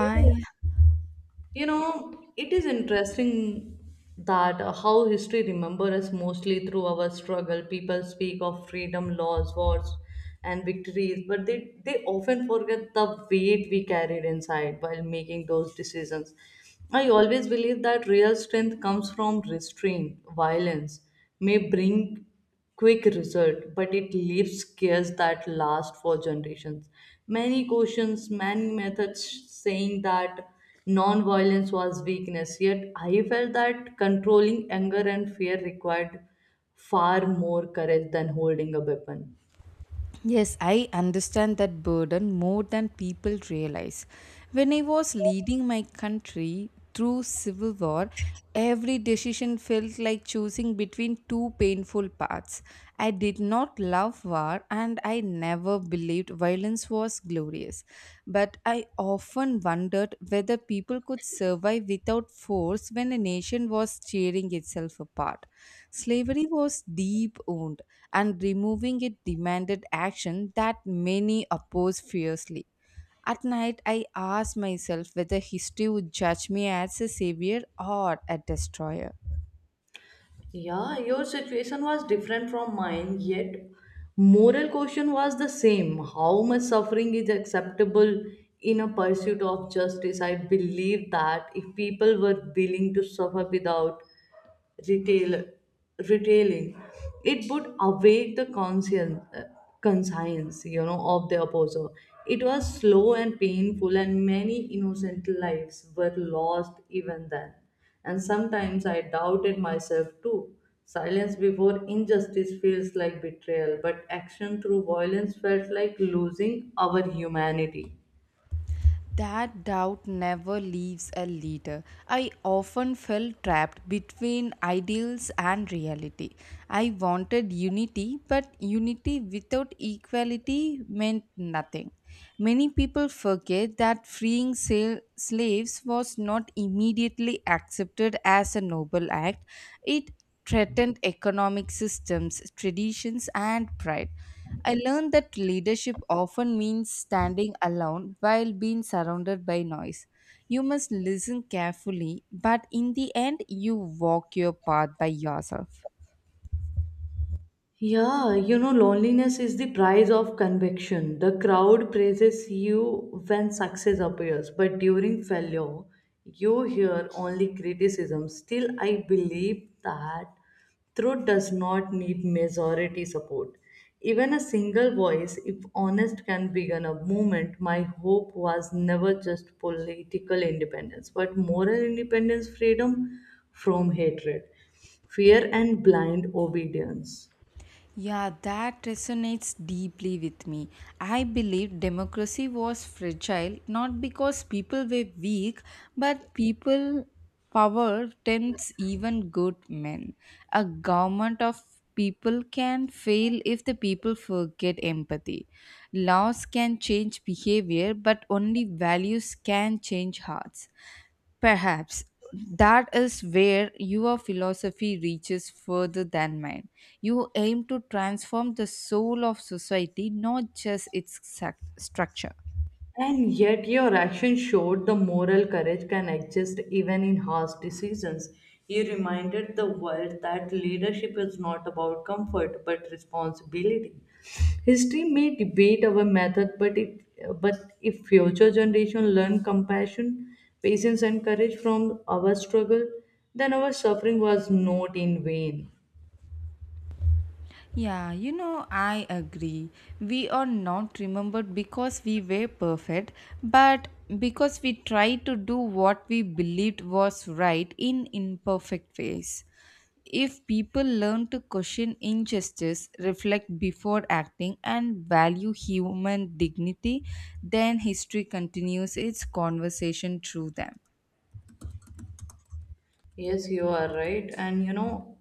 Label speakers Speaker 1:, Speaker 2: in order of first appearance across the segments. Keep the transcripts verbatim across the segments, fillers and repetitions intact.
Speaker 1: Right. You know, it is interesting that uh, how history remembers us mostly through our struggle. People speak of freedom, laws, wars, and victories, but they, they often forget the weight we carried inside while making those decisions. I always believe that real strength comes from restraint. Violence may bring quick result, but it leaves scares that last for generations. Many questions, many methods saying that non-violence was weakness, yet I felt that controlling anger and fear required far more courage than holding a weapon.
Speaker 2: Yes, I understand that burden more than people realize. When I was leading my country through civil war, every decision felt like choosing between two painful paths. I did not love war and I never believed violence was glorious, but I often often wondered whether people could survive without force when a nation was tearing itself apart. Slavery was deep wound, and removing it demanded action that many opposed fiercely. At night, I asked myself whether history would judge me as a savior or a destroyer.
Speaker 1: Yeah, your situation was different from mine, yet moral question was the same. How much suffering is acceptable in a pursuit of justice? I believe that if people were willing to suffer without retail retailing it would awake the conscience uh, conscience you know of the opposer it was slow and painful and many innocent lives were lost even then and sometimes I doubted myself too silence before injustice feels like betrayal but action through violence felt like losing our humanity.
Speaker 2: That doubt never leaves a leader. I often felt trapped between ideals and reality. I wanted unity, but unity without equality meant nothing. Many people forget that freeing sal- slaves was not immediately accepted as a noble act. It threatened economic systems, traditions, and pride. I learned that leadership often means standing alone while being surrounded by noise. You must listen carefully, but in the end, you walk your path by yourself.
Speaker 1: Yeah, you know, loneliness is the price of conviction. The crowd praises you when success appears, but during failure, you hear only criticism. Still, I believe that truth does not need majority support. Even a single voice, if honest, can begin a movement. My hope was never just political independence, but moral independence, freedom from hatred, fear, and blind obedience.
Speaker 2: Yeah, that resonates deeply with me. I believe democracy was fragile not because people were weak, but people power tempts even good men. A government of people can fail if the people forget empathy. Laws can change behavior, but only values can change hearts. Perhaps that is where your philosophy reaches further than mine. You aim to transform the soul of society, not just its sac- structure.
Speaker 1: And yet, your action showed the moral courage can exist even in harsh decisions. You reminded the world that leadership is not about comfort but responsibility. History may debate our method, but it but if future generation learn compassion, patience, and courage from our struggle, then our suffering was not in vain.
Speaker 2: Yeah, you know, I agree. We are not remembered because we were perfect, but because we tried to do what we believed was right in imperfect ways. If people learn to question injustice, reflect before acting, and value human dignity, then history continues its conversation through them.
Speaker 1: Yes, you are right. And you know,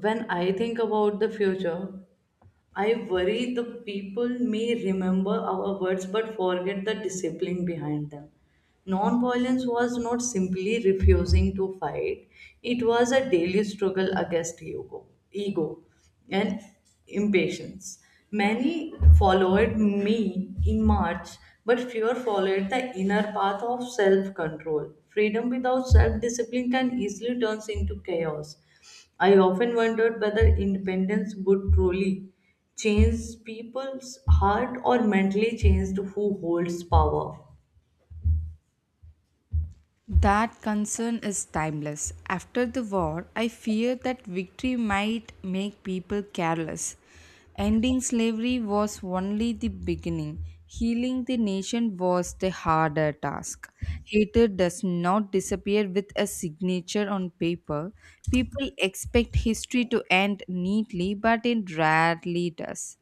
Speaker 1: when I think about the future, I worry the people may remember our words but forget the discipline behind them. Nonviolence was not simply refusing to fight, it was a daily struggle against ego, ego and impatience. Many followed me in March, but fewer followed the inner path of self control. Freedom without self discipline can easily turn into chaos. I often wondered whether independence would truly change people's heart or mentally change who holds power.
Speaker 2: That concern is timeless. After the war, I fear that victory might make people careless. Ending slavery was only the beginning. Healing the nation was the harder task. Hatred does not disappear with a signature on paper. People expect history to end neatly, but it rarely does.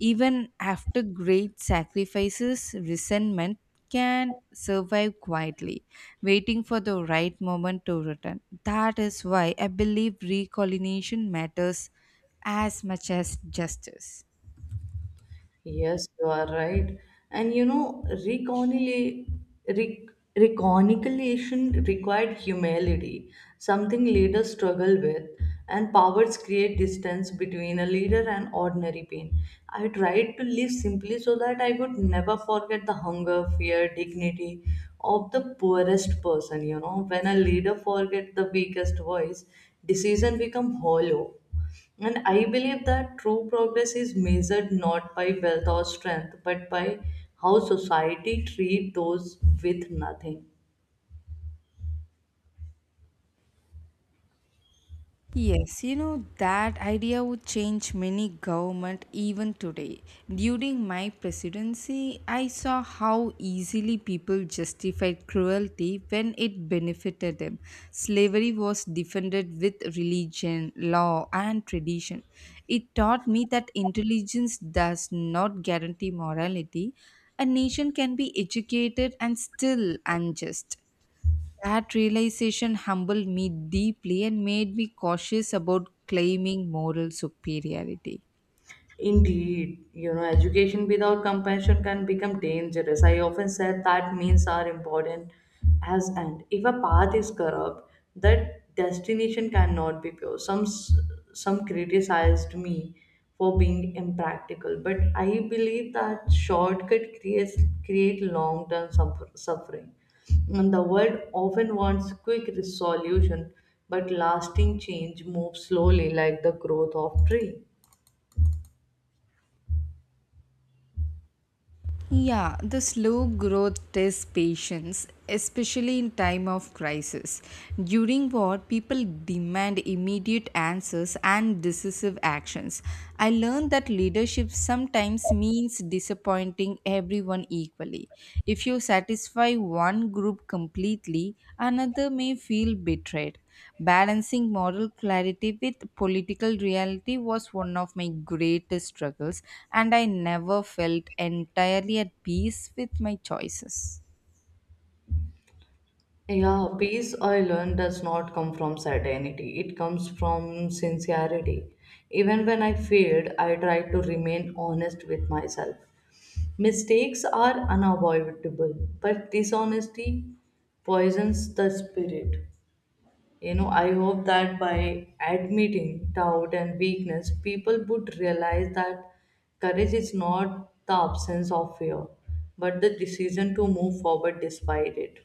Speaker 2: Even after great sacrifices, resentment can survive quietly, waiting for the right moment to return. That is why I believe recolonization matters as much as justice.
Speaker 1: Yes, you are right. And you know, reconcili- rec- reconciliation required humility, something leaders struggle with, and powers create distance between a leader and ordinary pain. I tried to live simply so that I would never forget the hunger, fear, dignity of the poorest person. You know, when a leader forgets the weakest voice, decision become hollow and I believe that true progress is measured not by wealth or strength, but by how society treats those with nothing.
Speaker 2: Yes, you know, that idea would change many government even today. During my presidency, I saw how easily people justified cruelty when it benefited them. Slavery was defended with religion, law, and tradition. It taught me that intelligence does not guarantee morality. A nation can be educated and still unjust. That realization humbled me deeply and made me cautious about claiming moral superiority.
Speaker 1: Indeed, you know, education without compassion can become dangerous. I often said that means are important as and if a path is corrupt, that destination cannot be pure. Some s- some criticized me for being impractical, but I believe that shortcut creates create long term suffering. And the world often wants quick resolution, but lasting change moves slowly, like the growth of tree.
Speaker 2: Yeah, the slow growth tests patience, especially in time of crisis. During war, people demand immediate answers and decisive actions. I learned that leadership sometimes means disappointing everyone equally. Society. If you satisfy one group completely, another may feel betrayed. Balancing moral clarity with political reality was one of my greatest struggles, and I never felt entirely at peace with my choices.
Speaker 1: Yeah, peace I learned does not come from certainty. It comes from sincerity. Even when I failed, I tried to remain honest with myself. Mistakes are unavoidable, but dishonesty poisons the spirit. You know, I hope that by admitting doubt and weakness, people would realize that courage is not the absence of fear, but the decision to move forward despite it.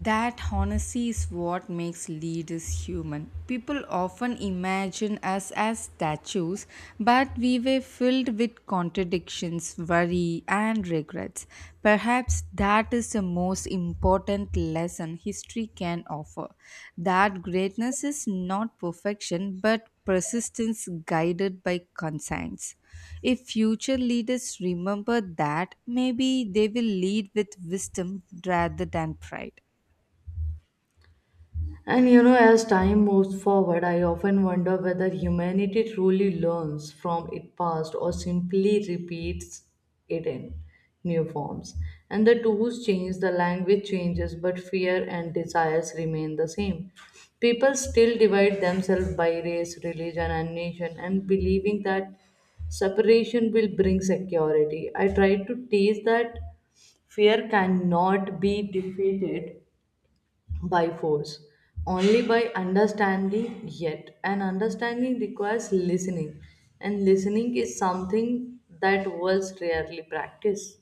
Speaker 2: That honesty is what makes leaders human. People often imagine us as statues, but we were filled with contradictions, worry, and regrets. Perhaps that is the most important lesson history can offer, that greatness is not perfection, but persistence guided by conscience. If future leaders remember that, maybe they will lead with wisdom rather than pride.
Speaker 1: And you know, as time moves forward, I often wonder whether humanity truly learns from its past or simply repeats it in new forms. And the tools change, the language changes, but fear and desires remain the same. People still divide themselves by race, religion, and nation, and believing that separation will bring security. I try to teach that fear cannot be defeated by force, only by understanding yet. And understanding requires listening, and listening is something that was rarely practiced.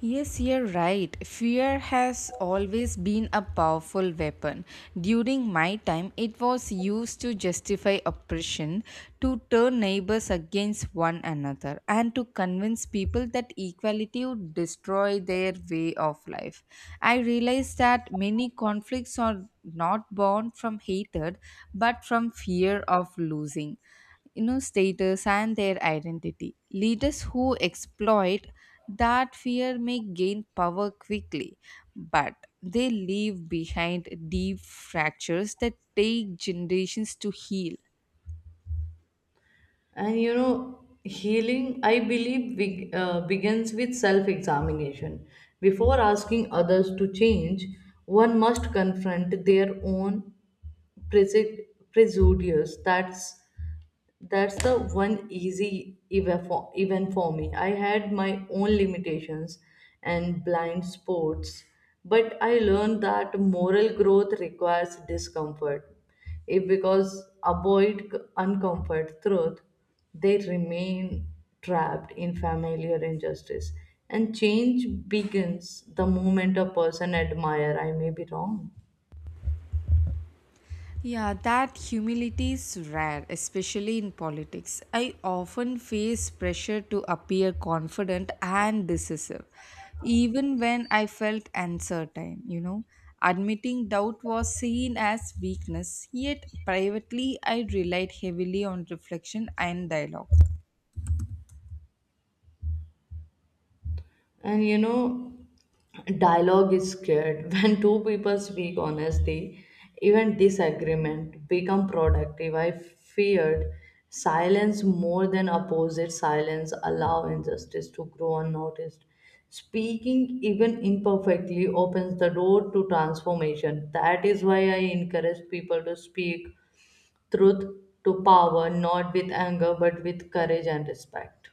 Speaker 2: Yes, you're right. Fear has always been a powerful weapon. During my time, it was used to justify oppression, to turn neighbors against one another, and to convince people that equality would destroy their way of life. I realized that many conflicts are not born from hatred but from fear of losing, you know status and their identity. Leaders who exploit that fear may gain power quickly, but they leave behind deep fractures that take generations to heal.
Speaker 1: And you know, healing, I believe, beg- uh, begins with self examination. Before asking others to change, one must confront their own prejud- prejudice that's That's the one easy eva- for- event for me. I had my own limitations and blind spots, but I learned that moral growth requires discomfort. If because avoid c- uncomfort truth, they remain trapped in familiar injustice. And change begins the moment a person admire. I may be wrong.
Speaker 2: Yeah, that humility is rare, especially in politics. I often face pressure to appear confident and decisive, even when I felt uncertain, you know. Admitting doubt was seen as weakness, yet privately I relied heavily on reflection and dialogue.
Speaker 1: And you know, dialogue is scared. When two people speak honestly, even disagreement become productive. I feared silence more than opposite silence allow injustice to grow unnoticed. Speaking even imperfectly opens the door to transformation. That is why I encourage people to speak truth to power, not with anger, but with courage and respect.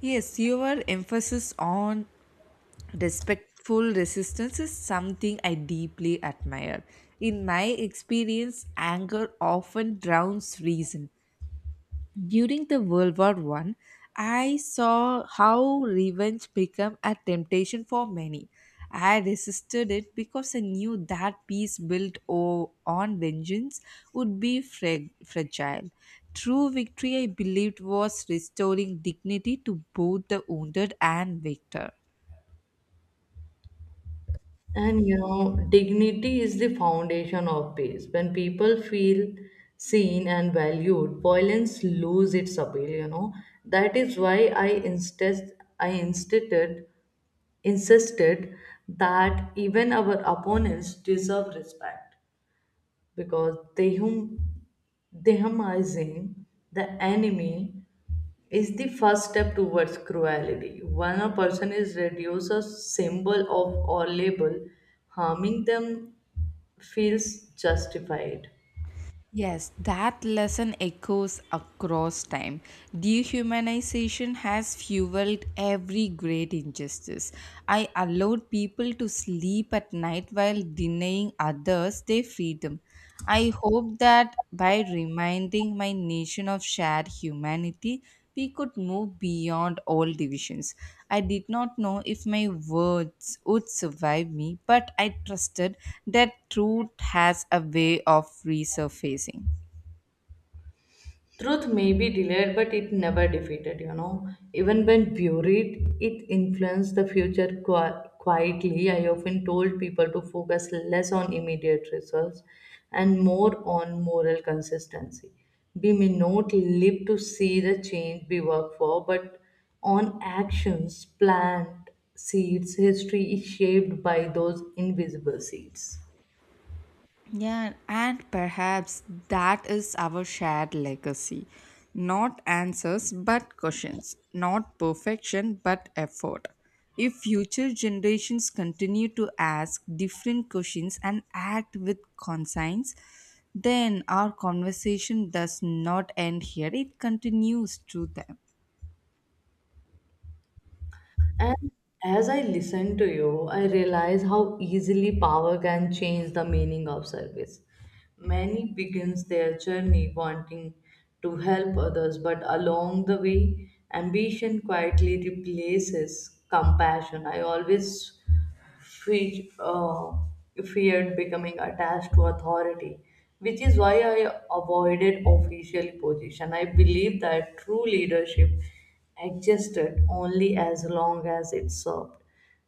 Speaker 2: Yes, your emphasis on respectful resistance is something I deeply admire. In my experience, anger often drowns reason. During the World War One, I saw how revenge became a temptation for many. I resisted it because I knew that peace built o- on vengeance would be fra- fragile. True victory, I believed, was restoring dignity to both the wounded and victor.
Speaker 1: And you know, dignity is the foundation of peace. When people feel seen and valued, violence lose its appeal, you know. That is why I insist I insisted insisted that even our opponents deserve respect because Tehum, Dehumanizing the enemy is the first step towards cruelty. When a person is reduced a symbol of or label, harming them feels justified.
Speaker 2: Yes, that lesson echoes across time. Dehumanization has fueled every great injustice. I allowed people to sleep at night while denying others their freedom. I hope that by reminding my nation of shared humanity, we could move beyond all divisions. I did not know if my words would survive me, but I trusted that truth has a way of resurfacing.
Speaker 1: Truth may be delayed, but it never defeated, you know. Even when buried, it influenced the future qui- quietly. I often told people to focus less on immediate results and more on moral consistency. We may not live to see the change we work for, but on actions, plant seeds, history is shaped by those invisible seeds.
Speaker 2: Yeah, and perhaps that is our shared legacy. Not answers, but questions. Not perfection, but effort. If future generations continue to ask different questions and act with conscience, then our conversation does not end here, it continues through them.
Speaker 1: And as I listen to you, I realize how easily power can change the meaning of service. Many begins their journey wanting to help others, but along the way, ambition quietly replaces compassion. I always fe- uh, feared becoming attached to authority, which is why I avoided official position. I believe that true leadership existed only as long as it served.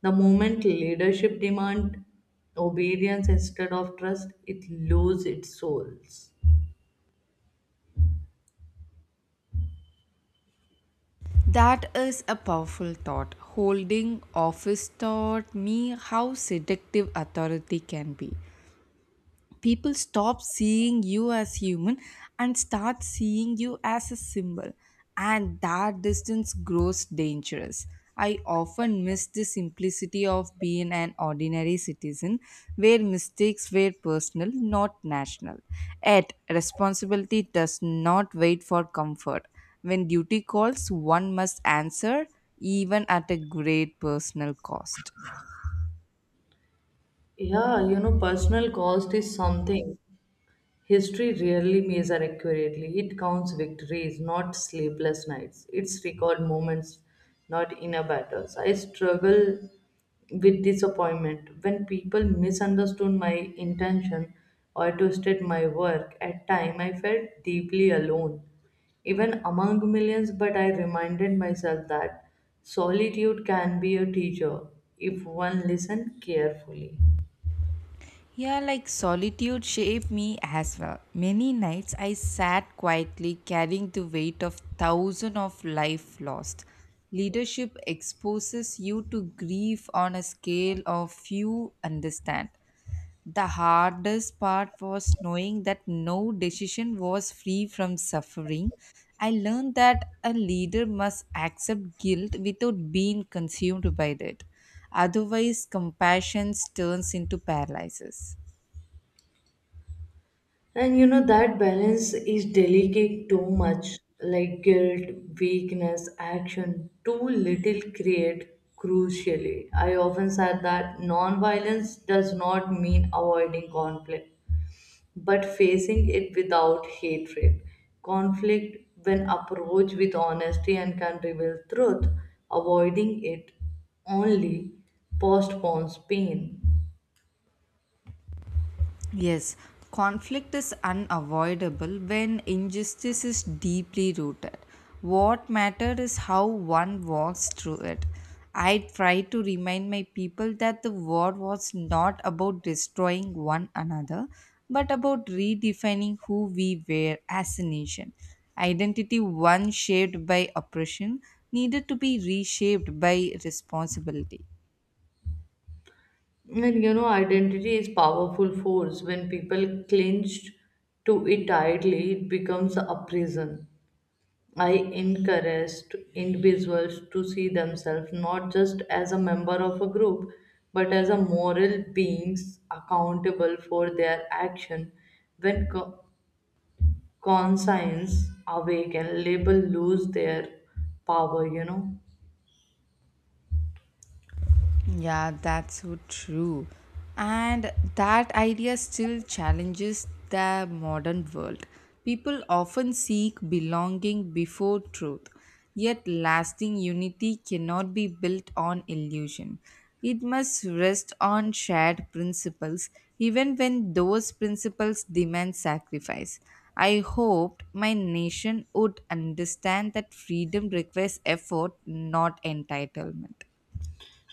Speaker 1: The moment leadership demand obedience instead of trust, it loses its souls.
Speaker 2: That is a powerful thought. Holding office taught me how seductive authority can be. People stop seeing you as human and start seeing you as a symbol, and that distance grows dangerous. I often miss the simplicity of being an ordinary citizen, where mistakes were personal, not national. Yet responsibility does not wait for comfort. When duty calls, one must answer, even at a great personal cost.
Speaker 1: Yeah, you know, personal cost is something history rarely measures accurately. It counts victories, not sleepless nights. It's record moments, not inner battles. I struggle with disappointment when people misunderstood my intention or twisted my work. At time, I felt deeply alone, even among millions. But I reminded myself that solitude can be a teacher if one listens carefully.
Speaker 2: Yeah, like solitude shaped me as well. Many nights I sat quietly carrying the weight of thousands of life lost. Leadership exposes you to grief on a scale of few understand. The hardest part was knowing that no decision was free from suffering. I learned that a leader must accept guilt without being consumed by it. Otherwise, compassion turns into paralysis.
Speaker 1: And you know, that balance is delicate too much, like guilt, weakness, action, too little create crucially. I often said that non violence does not mean avoiding conflict, but facing it without hatred. Conflict, when approached with honesty and can reveal truth, avoiding it only postpones pain.
Speaker 2: Yes, conflict is unavoidable when injustice is deeply rooted. What matters is how one walks through it. I try to remind my people that the war was not about destroying one another, but about redefining who we were as a nation. Identity once shaped by oppression needed to be reshaped by responsibility.
Speaker 1: And you know, identity is powerful force. When people clinch to it tightly, it becomes a prison. I encourage individuals to see themselves not just as a member of a group, but as a moral beings accountable for their action. When co- conscience awake and label lose their power, you know.
Speaker 2: Yeah, that's so true. And that idea still challenges the modern world. People often seek belonging before truth, yet, lasting unity cannot be built on illusion. It must rest on shared principles, even when those principles demand sacrifice. I hoped my nation would understand that freedom requires effort, not entitlement.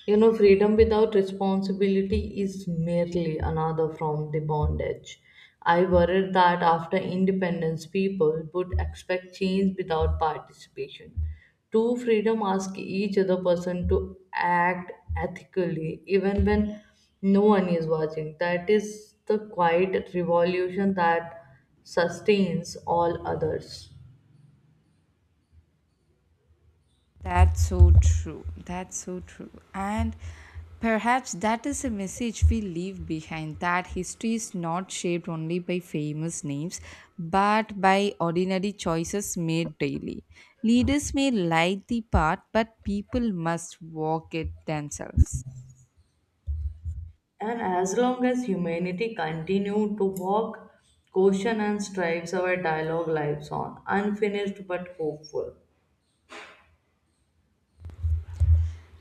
Speaker 1: You know, freedom without responsibility is merely another from the bondage. I worried that after independence, people would expect change without participation. Two freedom ask each other person to act ethically even when no one is watching. That is the quiet revolution that sustains all others.
Speaker 2: That's so true. That's so true. And perhaps that is a message we leave behind, that history is not shaped only by famous names, but by ordinary choices made daily. Leaders may light the path, but people must walk it themselves.
Speaker 1: And as long as humanity continue to walk, caution and strives, our dialogue lives on, unfinished but hopeful.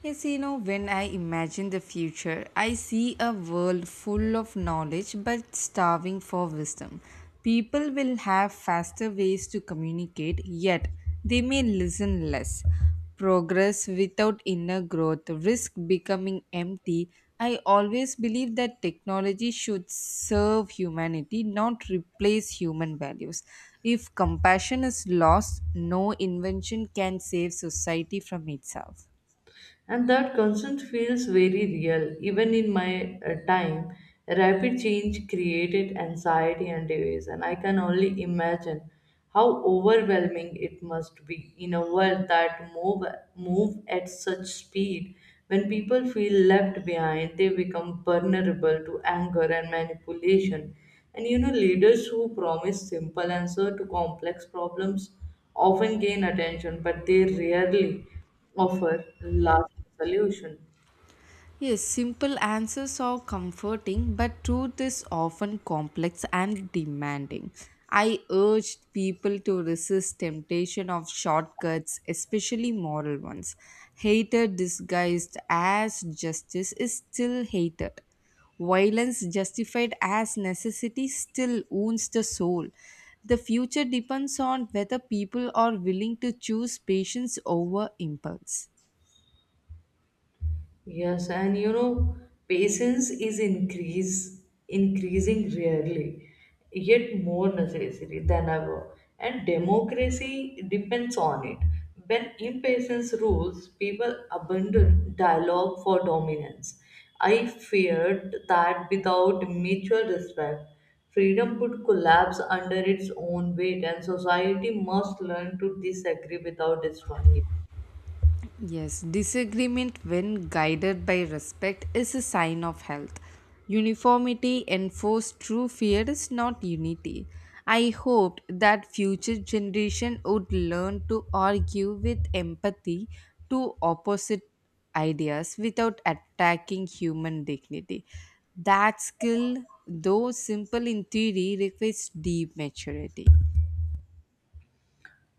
Speaker 2: Yes, you know, when I imagine the future, I see a world full of knowledge but starving for wisdom. People will have faster ways to communicate, yet they may listen less. Progress without inner growth risk becoming empty. I always believe that technology should serve humanity, not replace human values. If compassion is lost, no invention can save society from itself.
Speaker 1: And that concern feels very real even in my uh, time rapid change created anxiety and division I can only imagine how overwhelming it must be in a world that move move at such speed when people feel left behind they become vulnerable to anger and manipulation and you know leaders who promise simple answer to complex problems often gain attention but they rarely offer lasting solution.
Speaker 2: Yes, simple answers are comforting, but truth is often complex and demanding. I urged people to resist temptation of shortcuts, especially moral ones. Hater disguised as justice is still hated. Violence justified as necessity still wounds the soul. The future depends on whether people are willing to choose patience over impulse.
Speaker 1: Yes, and you know, patience is increase increasing rarely, yet more necessary than ever. And democracy depends on it. When impatience rules, people abandon dialogue for dominance. I feared that without mutual respect, freedom could collapse under its own weight, and society must learn to disagree without destroying it.
Speaker 2: Yes, disagreement, when guided by respect, is a sign of health. Uniformity enforced through fear is not unity. I hoped that future generation would learn to argue with empathy, to opposite ideas without attacking human dignity. That skill, though simple in theory, requires deep maturity.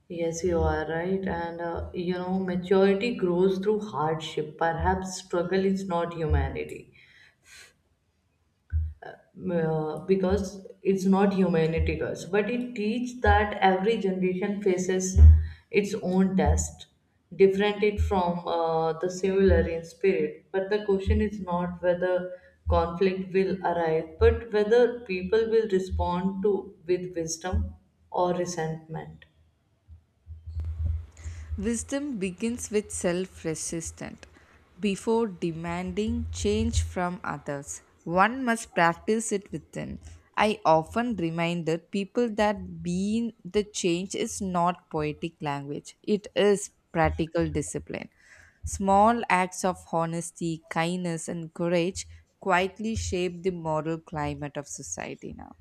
Speaker 1: Yes, you are right. And uh, you know, maturity grows through hardship. Perhaps struggle is not humanity uh, because it's not humanity, girls. But it teaches that every generation faces its own test, different it from uh, the similar in spirit. But the question is not whether conflict will arise, but whether people will respond to with wisdom or resentment.
Speaker 2: Wisdom begins with self resistance. Before demanding change from others, one must practice it within. I often reminded people that being the change is not poetic language, it is practical discipline. Small acts of honesty, kindness, and courage quietly shape the moral climate of society now.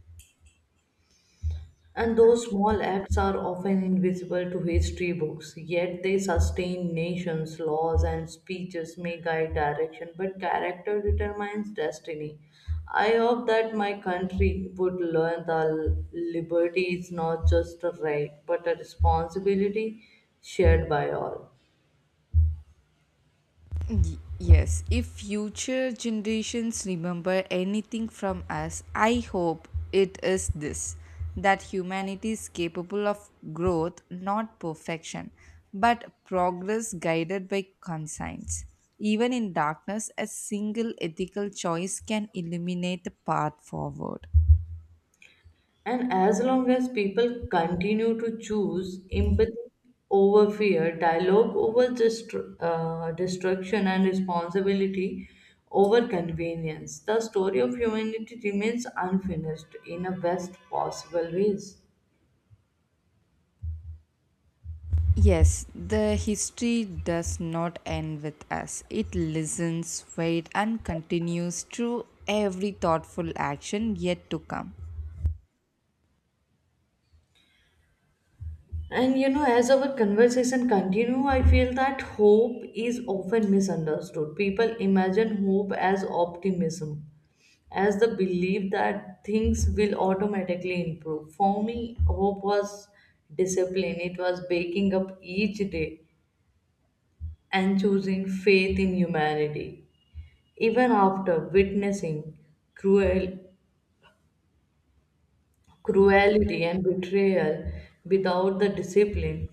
Speaker 1: And those small acts are often invisible to history books, yet they sustain nations, laws, and speeches may guide direction, but character determines destiny. I hope that my country would learn that liberty is not just a right, but a responsibility shared by all.
Speaker 2: Y- yes, if future generations remember anything from us, I hope it is this, that humanity is capable of growth, not perfection, but progress guided by conscience. Even in darkness, a single ethical choice can illuminate the path forward.
Speaker 1: And as long as people continue to choose empathy over fear, dialogue over destru- uh, destruction, and responsibility over convenience, the story of humanity remains unfinished in a best possible ways.
Speaker 2: Yes, the history does not end with us. It listens, waits, and continues through every thoughtful action yet to come.
Speaker 1: And you know, as our conversation continue, I feel that hope is often misunderstood. People imagine hope as optimism, as the belief that things will automatically improve. For me, hope was discipline. It was waking up each day and choosing faith in humanity. Even after witnessing cruel cruelty and betrayal without the discipline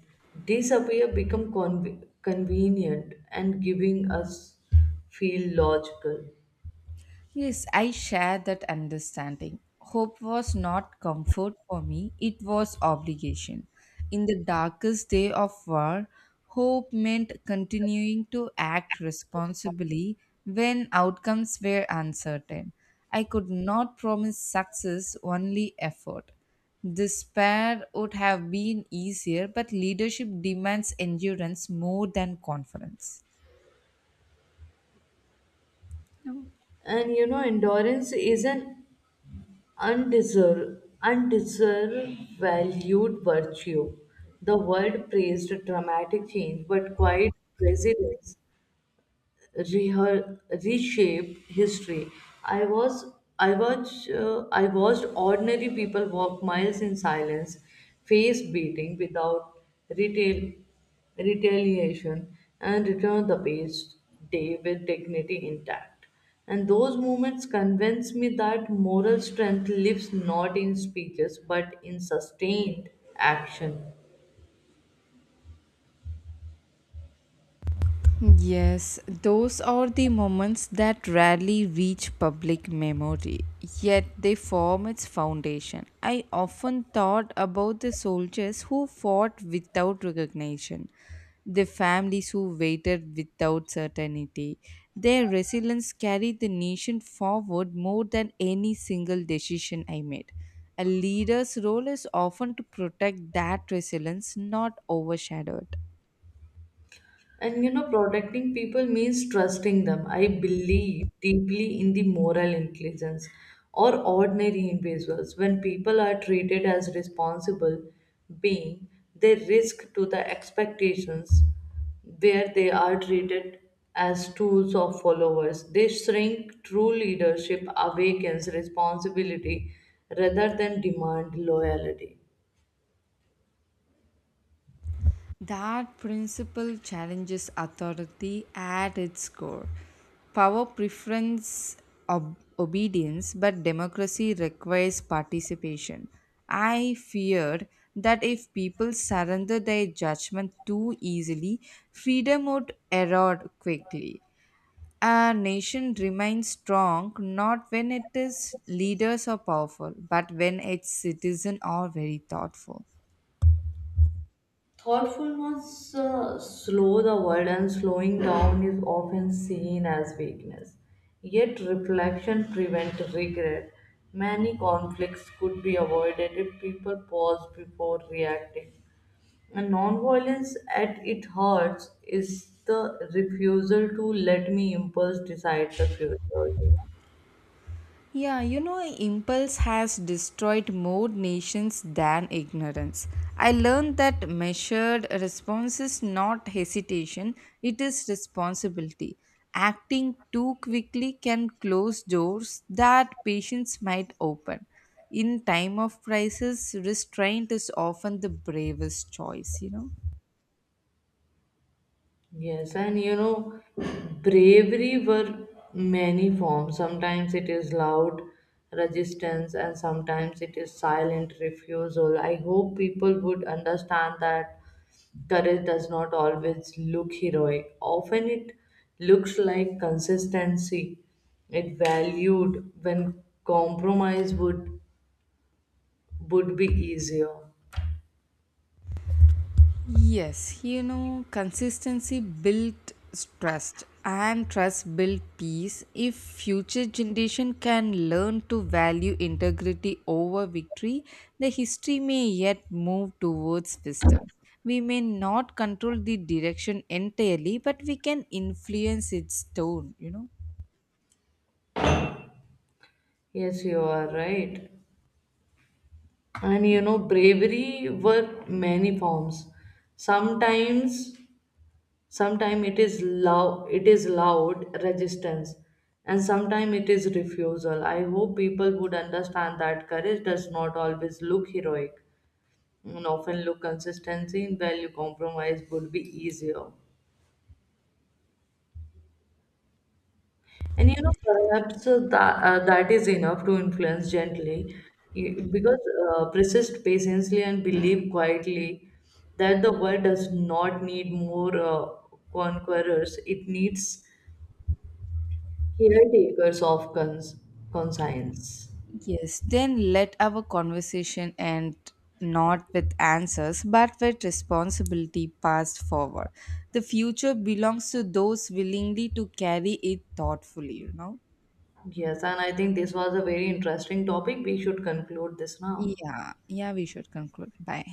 Speaker 1: disappear become conv- convenient and giving us feel logical
Speaker 2: Yes, I share that understanding. Hope was not comfort for me, it was obligation. In the darkest day of war, hope meant continuing to act responsibly when outcomes were uncertain. I could not promise success, only effort. Despair would have been easier, but leadership demands endurance more than confidence.
Speaker 1: and you know endurance is an undeserved undeserved valued virtue the world praised dramatic change but quiet resilience rehe- reshape history. I was I watched uh, I watched ordinary people walk miles in silence, face beating without retail retaliation, and return the past day with dignity intact. And those moments convince me that moral strength lives not in speeches but in sustained action.
Speaker 2: Yes, those are the moments that rarely reach public memory, yet they form its foundation. I often thought about the soldiers who fought without recognition, the families who waited without certainty. Their resilience carried the nation forward more than any single decision I made. A leader's role is often to protect that resilience, not overshadow it.
Speaker 1: And you know, protecting people means trusting them. I believe deeply in the moral intelligence or ordinary individuals. When people are treated as responsible being, they risk to the expectations where they are treated as tools of followers. They shrink true leadership awakens responsibility rather than demand loyalty.
Speaker 2: That principle challenges authority at its core. Power preference ob- obedience, but democracy requires participation. I fear that if people surrender their judgment too easily, freedom would erode quickly. A nation remains strong not when its leaders are powerful, but when its citizens are very thoughtful.
Speaker 1: Thoughtfulness uh, slow the world and slowing down is often seen as weakness. Yet reflection prevents regret. Many conflicts could be avoided if people pause before reacting. And nonviolence, at its heart is the refusal to let me impulse decide the future.
Speaker 2: Yeah, you know, impulse has destroyed more nations than ignorance. I learned that measured response is not hesitation, it is responsibility. Acting too quickly can close doors that patience might open. In time of crisis, restraint is often the bravest choice, you know.
Speaker 1: Yes, and you know, bravery were many forms. Sometimes it is loud resistance, and sometimes it is silent refusal. I hope people would understand that courage does not always look heroic. Often it looks like consistency. It valued when compromise would would be easier.
Speaker 2: Yes, you know, consistency built trust and trust built peace. If future generation can learn to value integrity over victory, the history may yet move towards wisdom. We may not control the direction entirely, but we can influence its tone, you know.
Speaker 1: Yes, you are right. And you know bravery were many forms sometimes sometimes it is loud it is loud resistance and sometimes it is refusal I hope people would understand that courage does not always look heroic and often look consistency in value compromise would be easier. And you know, perhaps uh, that, uh, that is enough to influence gently You-
Speaker 2: Mhm.
Speaker 1: because uh, persist patiently and believe quietly that the world does not need more uh, conquerors, it needs caretakers of cons- conscience.
Speaker 2: Yes, then let our conversation end not with answers but with responsibility passed forward. The future belongs to those willingly to carry it thoughtfully, you know?
Speaker 1: Yes, and I think this was a very interesting topic. We should conclude this now.
Speaker 2: Yeah, yeah, we should conclude. Bye.